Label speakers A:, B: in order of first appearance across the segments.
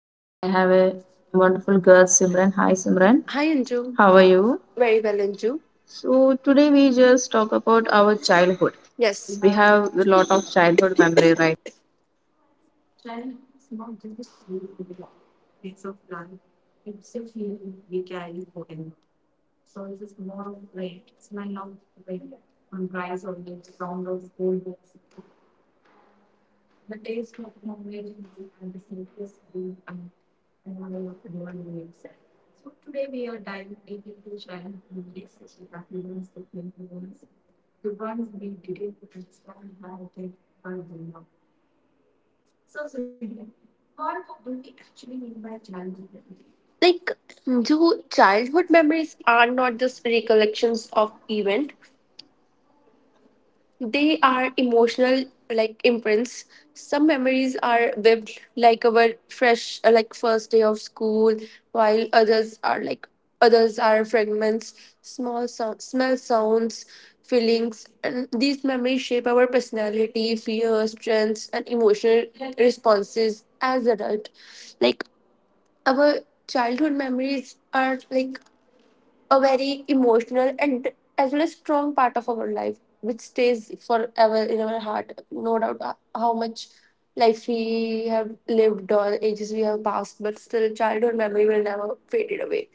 A: and I have a wonderful girl, Simran. Hi Simran,
B: Hi Anju,
A: how are you?
B: very well Anju.
A: So today we just talk about our childhood. We
B: Yes,
A: have a lot of childhood memory, right?
B: like do childhood memories are not just recollections of event. They are emotional, like, imprints. Some memories are vivid, like our fresh, like first day of school, while others are fragments, small smell sounds, feelings, and these memories shape our personality, fears, strengths, and emotional responses as adult. Like our childhood memories are like a very emotional and as well as strong part of our life which stays forever in our heart, no doubt, how much life we have lived or ages we have passed, but still childhood memory will never faded away.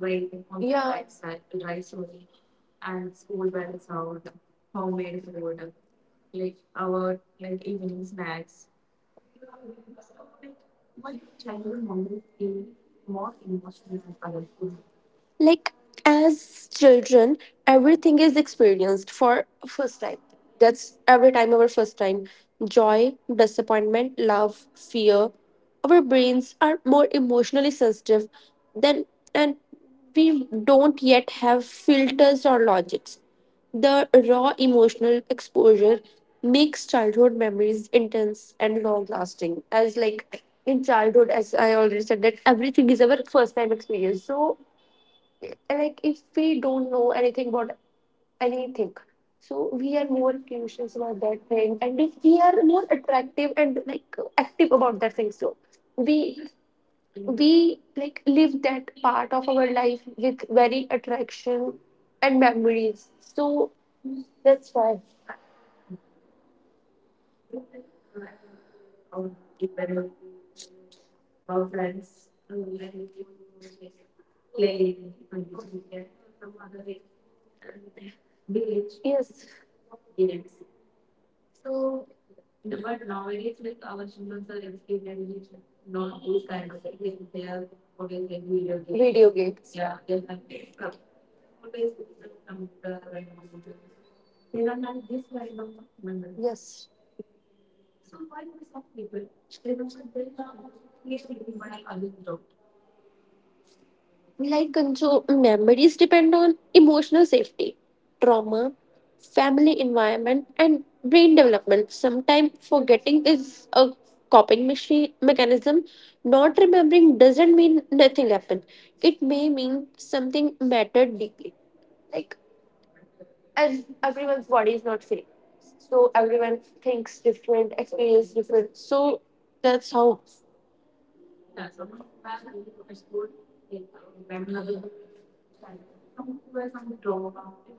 B: Right. Yeah, like as children everything is experienced for first time. That's every time our first time, joy, disappointment, love, fear. Our brains are more emotionally sensitive than, and we don't yet have filters or logics. The raw emotional exposure makes childhood memories intense and long lasting. As like in childhood, as I already said that everything is our first time experience, so like if we don't know anything about anything, so we are more curious about that thing, and if we are more attractive and like active about that thing, so we we like live that part of our life with very attraction and memories. So that's why. Yes. So video games. Yes. Like Ganju, memories depend on emotional safety, trauma, family environment, and brain development. Sometimes forgetting is a coping mechanism. Not remembering doesn't mean nothing happened, it may mean something mattered deeply. Like, as everyone's body is not same, so everyone thinks different, experience different. So, that's how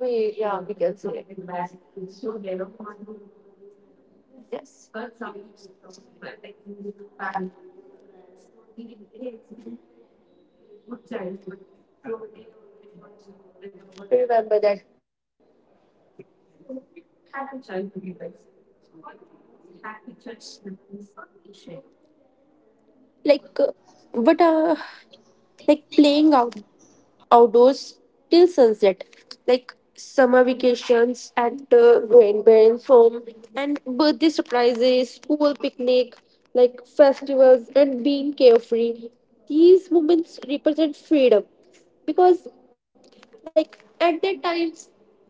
B: we, yeah, we can say. Yes. Remember that. Like, but like playing outdoors till sunset, like summer vacations at grandparents' home, and birthday surprises, school picnic, like festivals, and being carefree. These moments represent freedom because, like, at that time.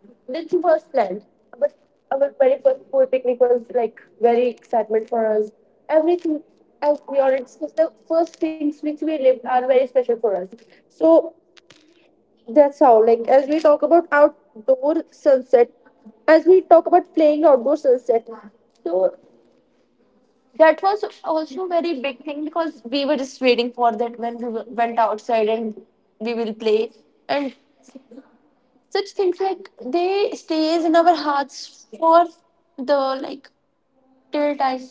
B: This was planned, but our very first school picnic was like very excitement for us. Everything, as we already discussed, the first things which we lived are very special for us. So that's how, like, as we talk about playing outdoor sunset, so that was also very big thing because we were just waiting for that when we went outside and we will play, and such things like they stays in our hearts for the like till time.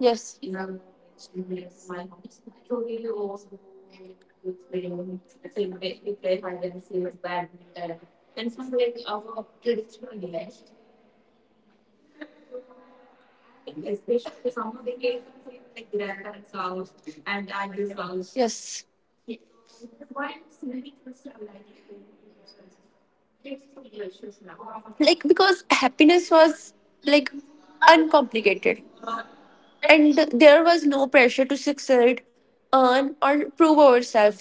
B: Yes, and I will. Yes, like because happiness was like uncomplicated, and there was no pressure to succeed, earn, or prove ourselves.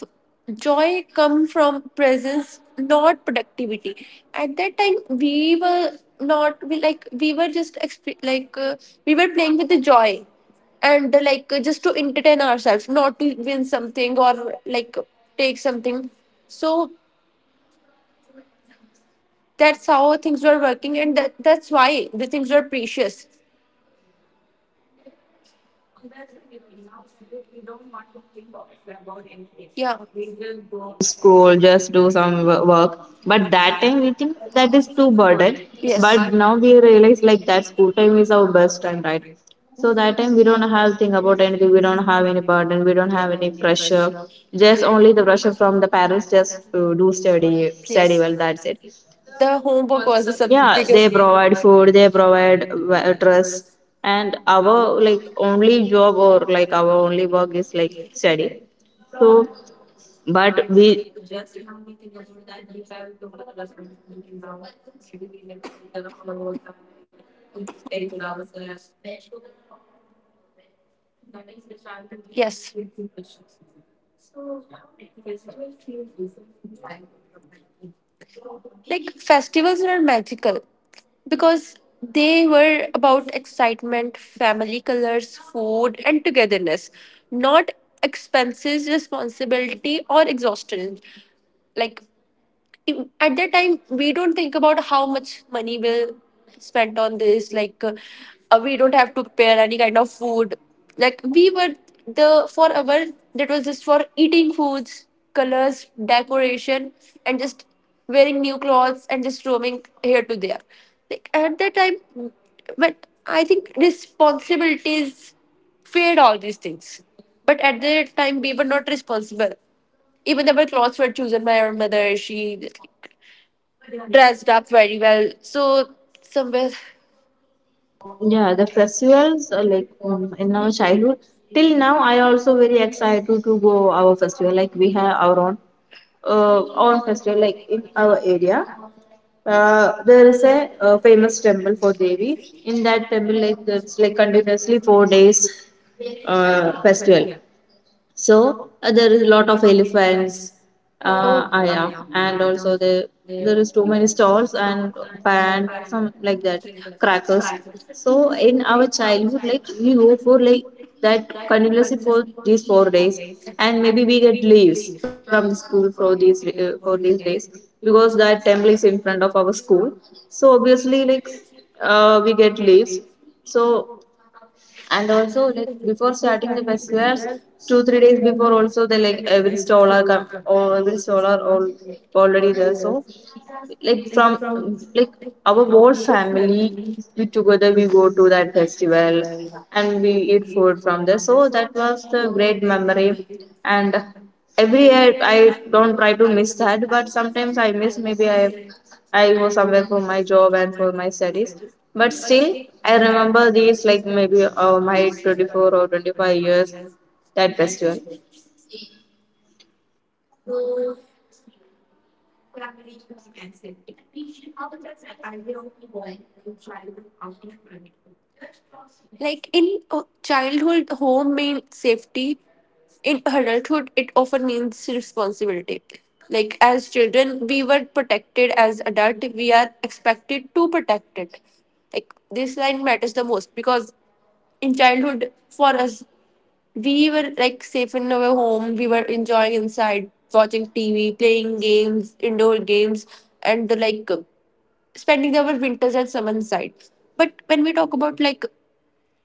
B: Joy come from presence, not productivity. At that time, we were not we like we were just we were playing with the joy, and just to entertain ourselves, not to win something or like take something. So that's how things were working, and that's why the things were precious. Yeah.
A: School, just do some work. But that time we think that is too burden.
B: Yes.
A: But now we realize like that school time is our best time, right? So that time we don't have think about anything. We don't have any burden. We don't have any pressure. Just only the pressure from the parents. Just do study, study
B: Yes.
A: well. That's it.
B: The homework was the
A: Yeah, they
B: biggest.
A: provide food. They provide dress. And our like only job or like our only work is like study. So, but we
B: Yes. Like festivals were magical because they were about excitement, family colors, food, and togetherness, not expenses, responsibility, or exhaustion. Like at that time we don't think about how much money we'll spend on this, like we don't have to prepare any kind of food, like we were the for our, that was just for eating foods, colors, decoration, and just wearing new clothes and just roaming here to there, like at that time. But I think responsibilities fade all these things, but at that time we were not responsible. Even our clothes were chosen by our mother. She dressed up very well. So somewhere.
A: yeah, the festivals in our childhood till now, I also very excited to go our festival. Like we have our own own festival like in our area. There is a, uh, famous temple for Devi. In that temple, like there's like continuously 4 days festival. So there is a lot of elephants,
B: Oh,
A: yeah, and also there is too many stalls and band some like that crackers. So in our childhood, like we go for like that continuously for these 4 days, and maybe we get leaves from the school for these days because that temple is in front of our school. So obviously, like we get leaves. So and also like before starting the festivals, 2 3 days before also, they like every stroller come or every stroller all already there. So like from like our whole family, we together we go to that festival and we eat food from there. So that was the great memory. And every year I don't try to miss that, but sometimes I miss. Maybe I go somewhere for my job and for my studies. But still, I remember these like maybe my 24 or 25 years, that festival.
B: like in childhood, home means safety. In adulthood, it often means responsibility. Like as children, we were protected. As adult, we are expected to protect it. Like this line matters the most because in childhood, for us, we were like safe in our home. We were enjoying inside, watching TV, playing games, indoor games, and like spending our winters and summer inside. But when we talk about like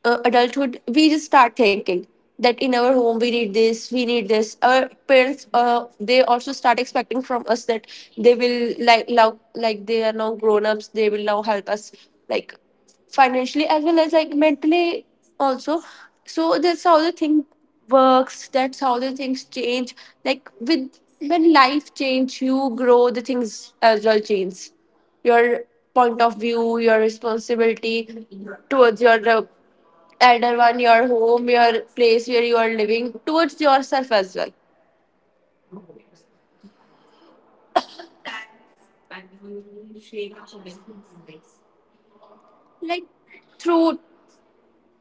B: adulthood, we just start thinking that in our home we need this, we need this. Our parents, they also start expecting from us that they will like now, like they are now grown ups, they will now help us like financially as well as like mentally also. So that's how the thing works. That's how the things change. Like with when life change, you grow. The things as well change. Your point of view, your responsibility towards your elder one, your home, your place where you are living, towards yourself as well. Like through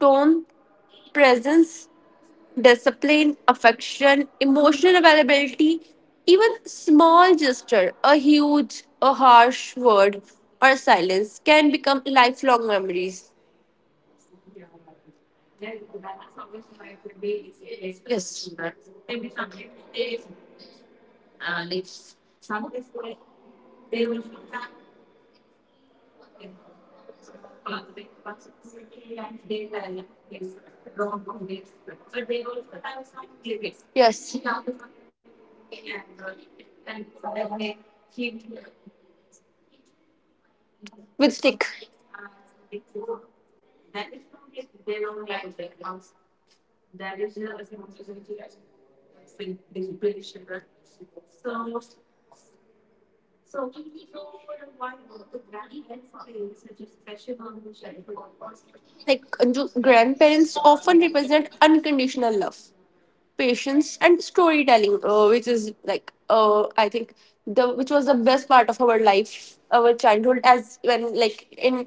B: tone, presence, discipline, affection, emotional availability, even small gesture, a huge, a harsh word, or silence can become lifelong memories. Yes. Yes. With stick. Like grandparents often represent unconditional love, patience, and storytelling, which is like I think the which was the best part of our life, our childhood. As when like in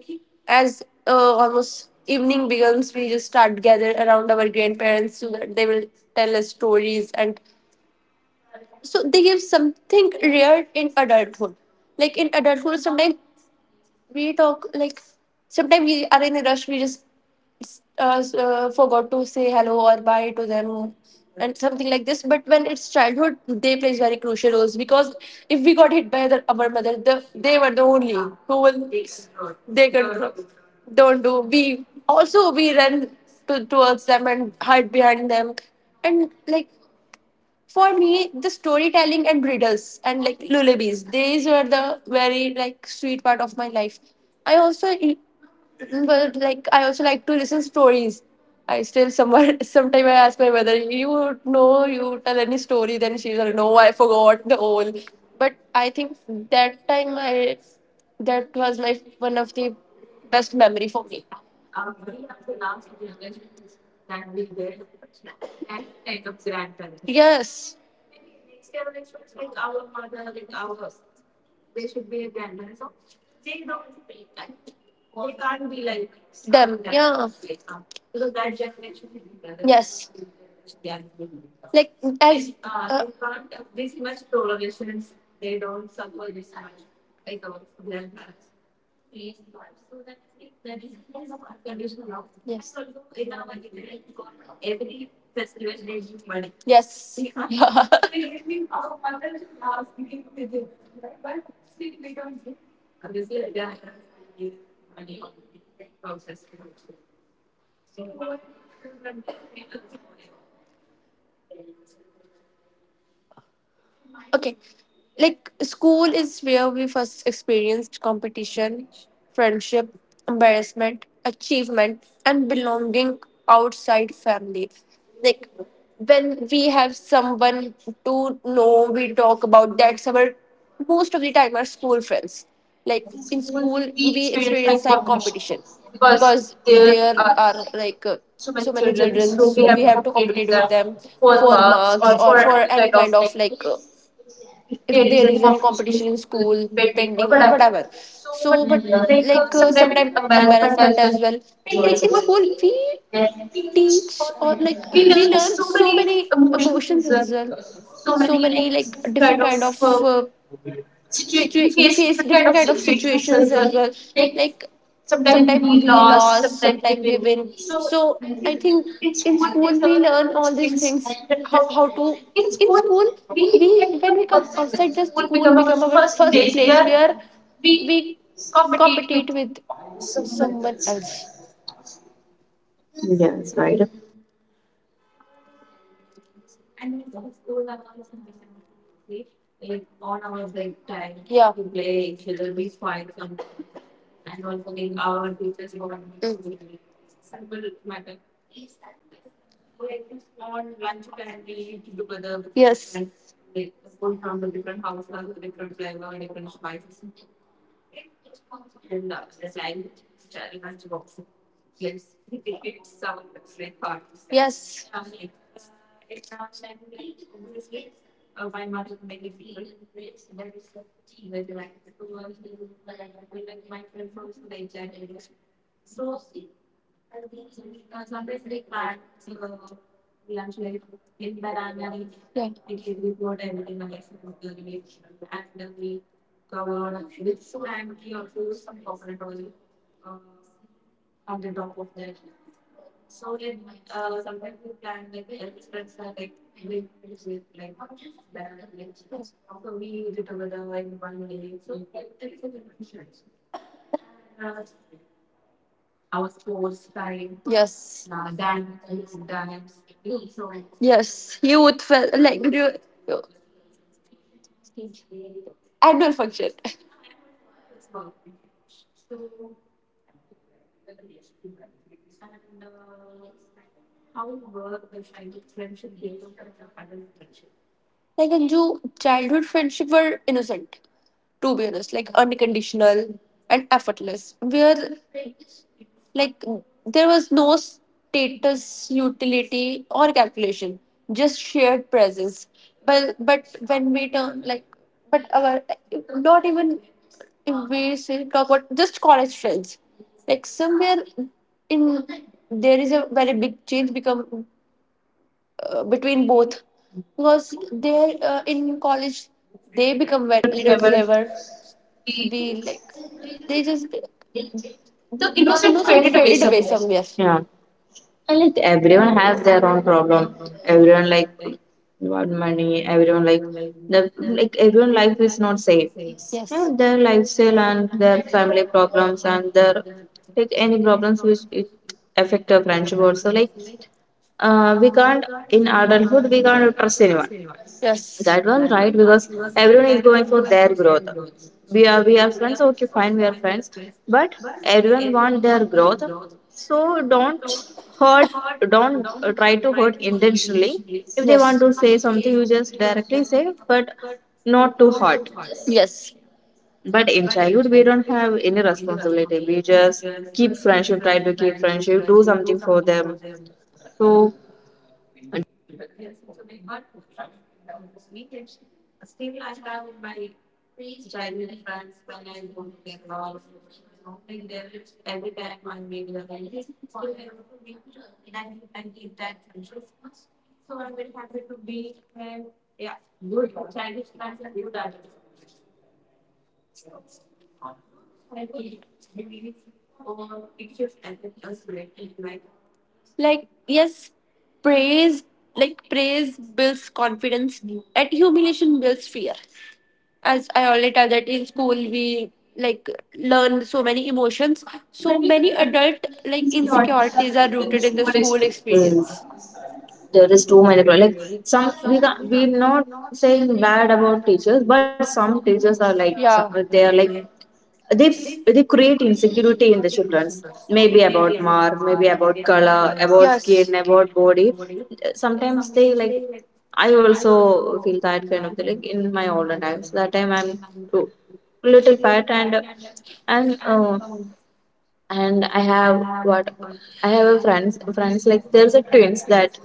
B: as almost evening begins, we just start gather around our grandparents so that they will tell us stories, and so they give something rare in adulthood. Like in adulthood, sometimes we talk like sometimes we are in a rush, we just forgot to say hello or bye to them and something like this. But when it's childhood they plays very crucial roles because if we got hit by the, our mother the, they were the only who will, they could don't do, we also we run to, towards them and hide behind them. And like for me the storytelling and riddles and like lullabies, these were the very like sweet part of my life. I also, but like I also like to listen stories. I still somewhere sometime I ask my mother, you know, you tell any story, then she's like, no, I forgot the whole. But I think that time I, that was my one of the best memory for me. Yes. Yes. Like as. Yes. Okay, like school is where we first experienced competition, friendship, embarrassment, achievement, and belonging outside family. Like when we have someone to know, we talk about that. Someone most of the time are school friends. Like in school, we experience like competition because there are like so many children, so we have to compete with them for marks or for any kind of like. If there is any competition in school pending or whatever, so but like sometimes embarrassment as well, like in school we teach or like we learn so many emotions as well, so many like different kind of uh, we face different kind of situations as well, like sometimes we lost sometimes we win. So I think in school we learn all these things, that how to in school we, when we come outside the school become our first place where we compete with someone else,
A: Yes, right.
B: like on our break time. Yeah, we play each other, we fight some, and also in our teachers bond. Mm. Like, on lunch time we eat together. Yes, and yes, we take it some like parties. Yes. Yeah. Yes. Yes, you would feel like you, adult function. Like Anju, childhood friendship were innocent. To be honest, like unconditional and effortless. Where like there was no status, utility, or calculation. Just shared presence. But when we turn like, but our, not even, if we say talk about just college friends, like somewhere in there is a very big change become between both, because they in college they become very little clever. We like they just the innocent faded away somewhere.
A: Yeah. And like everyone has their own problem. Everyone like want money. Everyone like the like everyone life is not safe. Yeah,
B: Yes,
A: their lifestyle and their family problems and their like any problems which it affect a friendship also, like we can't. In adulthood we can't trust anyone.
B: yes,
A: That was right because everyone is going for their growth. We are friends, okay, fine, we are friends, but everyone want their growth. So don't hurt, don't try to hurt intentionally. If they want
B: yes,
A: to say something, you just directly say, but not too hard.
B: yes,
A: But in childhood, we don't have any responsibility. We just keep friendship, try to keep friendship, do something for them. So
B: like yes. Praise, like praise builds confidence and humiliation builds fear. As I already tell that in school we like learn so many emotions. So many adult like insecurities are rooted in the school
A: mm,
B: experience.
A: there is too many like some, we can, we're not saying bad about teachers, but some teachers are like some,
B: Yeah.
A: they are like they they create insecurity in the childrens, maybe about mark, maybe about color, about skin,
B: Yes.
A: about body. Sometimes they like, I also feel that kind of thing, like in my older times. That time I'm too little fat and uh, and I have what, I have a friends like there's a twins. That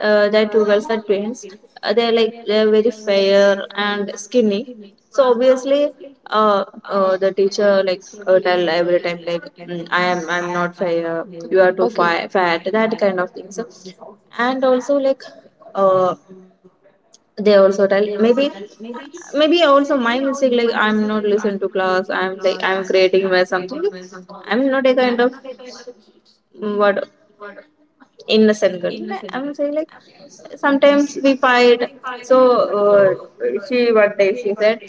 A: that two girls are twins. They're like they're very fair and skinny. So obviously, the teacher like tell every time like, "Mm, I am I'm not fair. You are too
B: Okay.
A: fat." That kind of things. And also like uh they also tell, maybe maybe also my mistake, like I'm not listening to class. I'm like I'm creating my something. I'm not a kind of what, innocent girl. I'm saying like sometimes we fight. So she one day she said,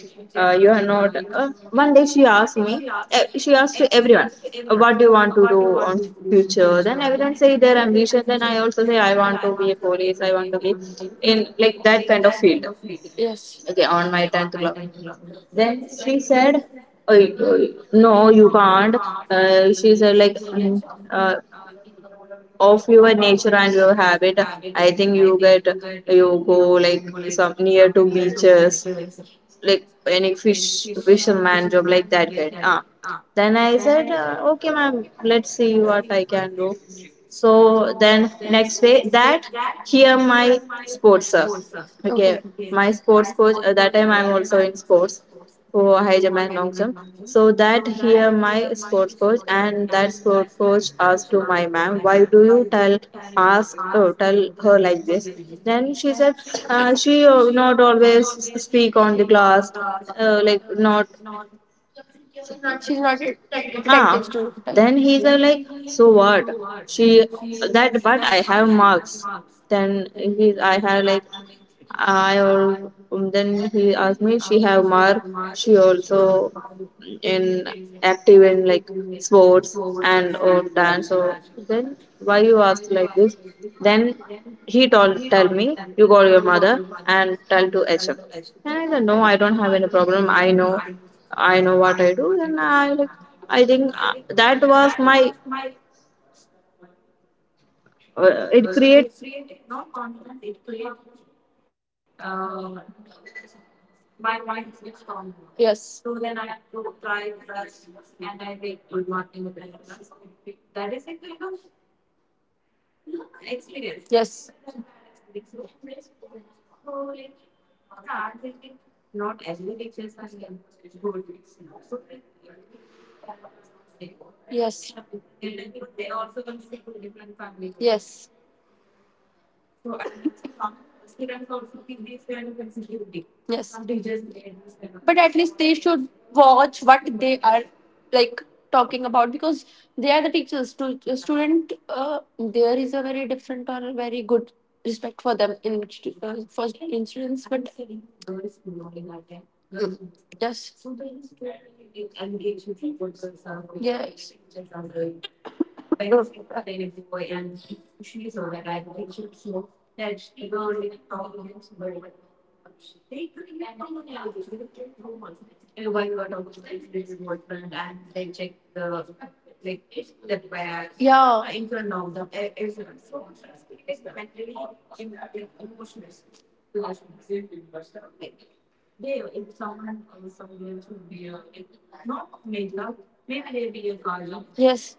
A: "You are not." One day she asked me. She asked to everyone, "What do you want to do on future?" Then everyone say their ambition. Then I also say, "I want to be a police. I want to be in like that kind of field."
B: Yes.
A: Okay, on my tenth class. Then she said, "Oh, oh, no, you can't." She said like, Uh, "Of your nature and your habit, I think you get, you go like some near to beaches, like any fish fisherman job, like that kind." Ah, then I said, "Okay ma'am, let's see what I can do." So then next day, that here my sports sir, okay,
B: Okay.
A: my sports coach — at that time I'm also in sports for Hyderabad long jump. So that here my sports coach, and that sport coach asked to my ma'am, "Why do you tell, ask, oh, tell her like this?" Then she said, she "Not always speak on the class, like not."
B: She's not a- Attentive
A: Ah,
B: to like
A: then he's like, "So what? She that, but I have marks." Then he, "I have like, I all." Then he asked me, "She have mark. She also in active in like sports and or dance. So then why you ask like this?" Then he told, "Tell me, you call your mother and tell to HM." And I said, "No, I don't have any problem. I know what I do." Then I like, I think that was my. It created.
B: yes, yes, yes, yes. Yes. But at least they should watch what they are like talking about, because they are the teachers. To a student, there is a very different or a very good respect for them in for incidents. But mm, yes, yes. Yeah. Yes.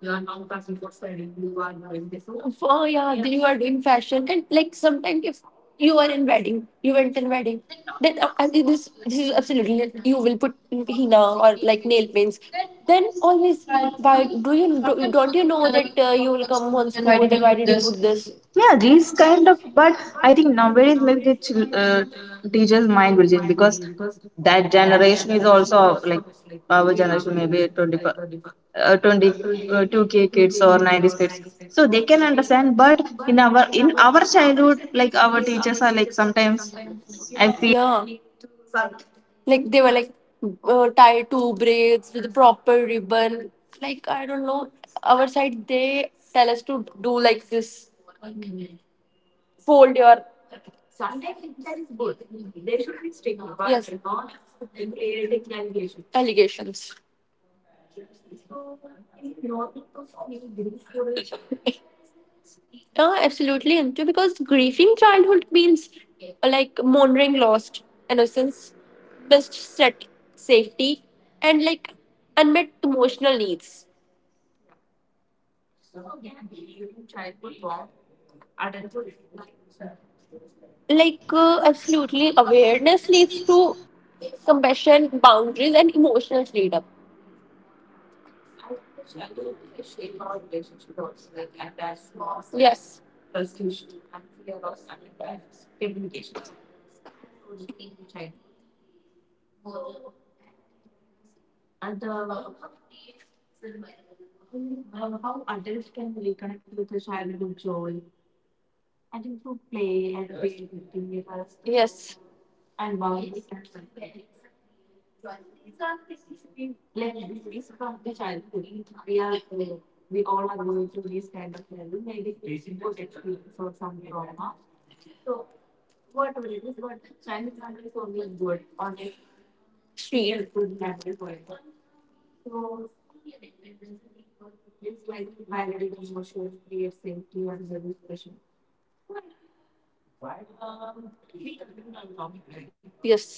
B: You are now fashion for styling. You are doing this. Oh, oh yeah, yeah, then you are doing fashion, and like sometimes if you are in wedding, you went in wedding, then I think this is absolutely not, you will put henna or like nail paints. Then always, why do you do, don't you know that you will come on school? Then why did you put this?
A: Yeah, these kind of. But I think nowadays maybe the teachers mind will change because that generation is also like our generation, maybe 20, 22k
B: To
A: kids
B: keep
A: or
B: it.
A: 90s kids, so they can
B: So,
A: understand. But in our childhood, like our
B: like,
A: teachers
B: our.
A: are like sometimes I feel
B: Yeah. Like they were like tied two braids with a proper ribbon. Like I don't know. Our side they tell us to do like this. Fold your yes. Allegations. Yeah, absolutely into, because grieving childhood means like mourning lost innocence, best set safety, and like unmet emotional needs. Like absolutely awareness leads to compassion, boundaries, and emotional freedom. Yes. Yes. Shield. Yes.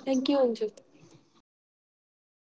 B: Thank you, Anju.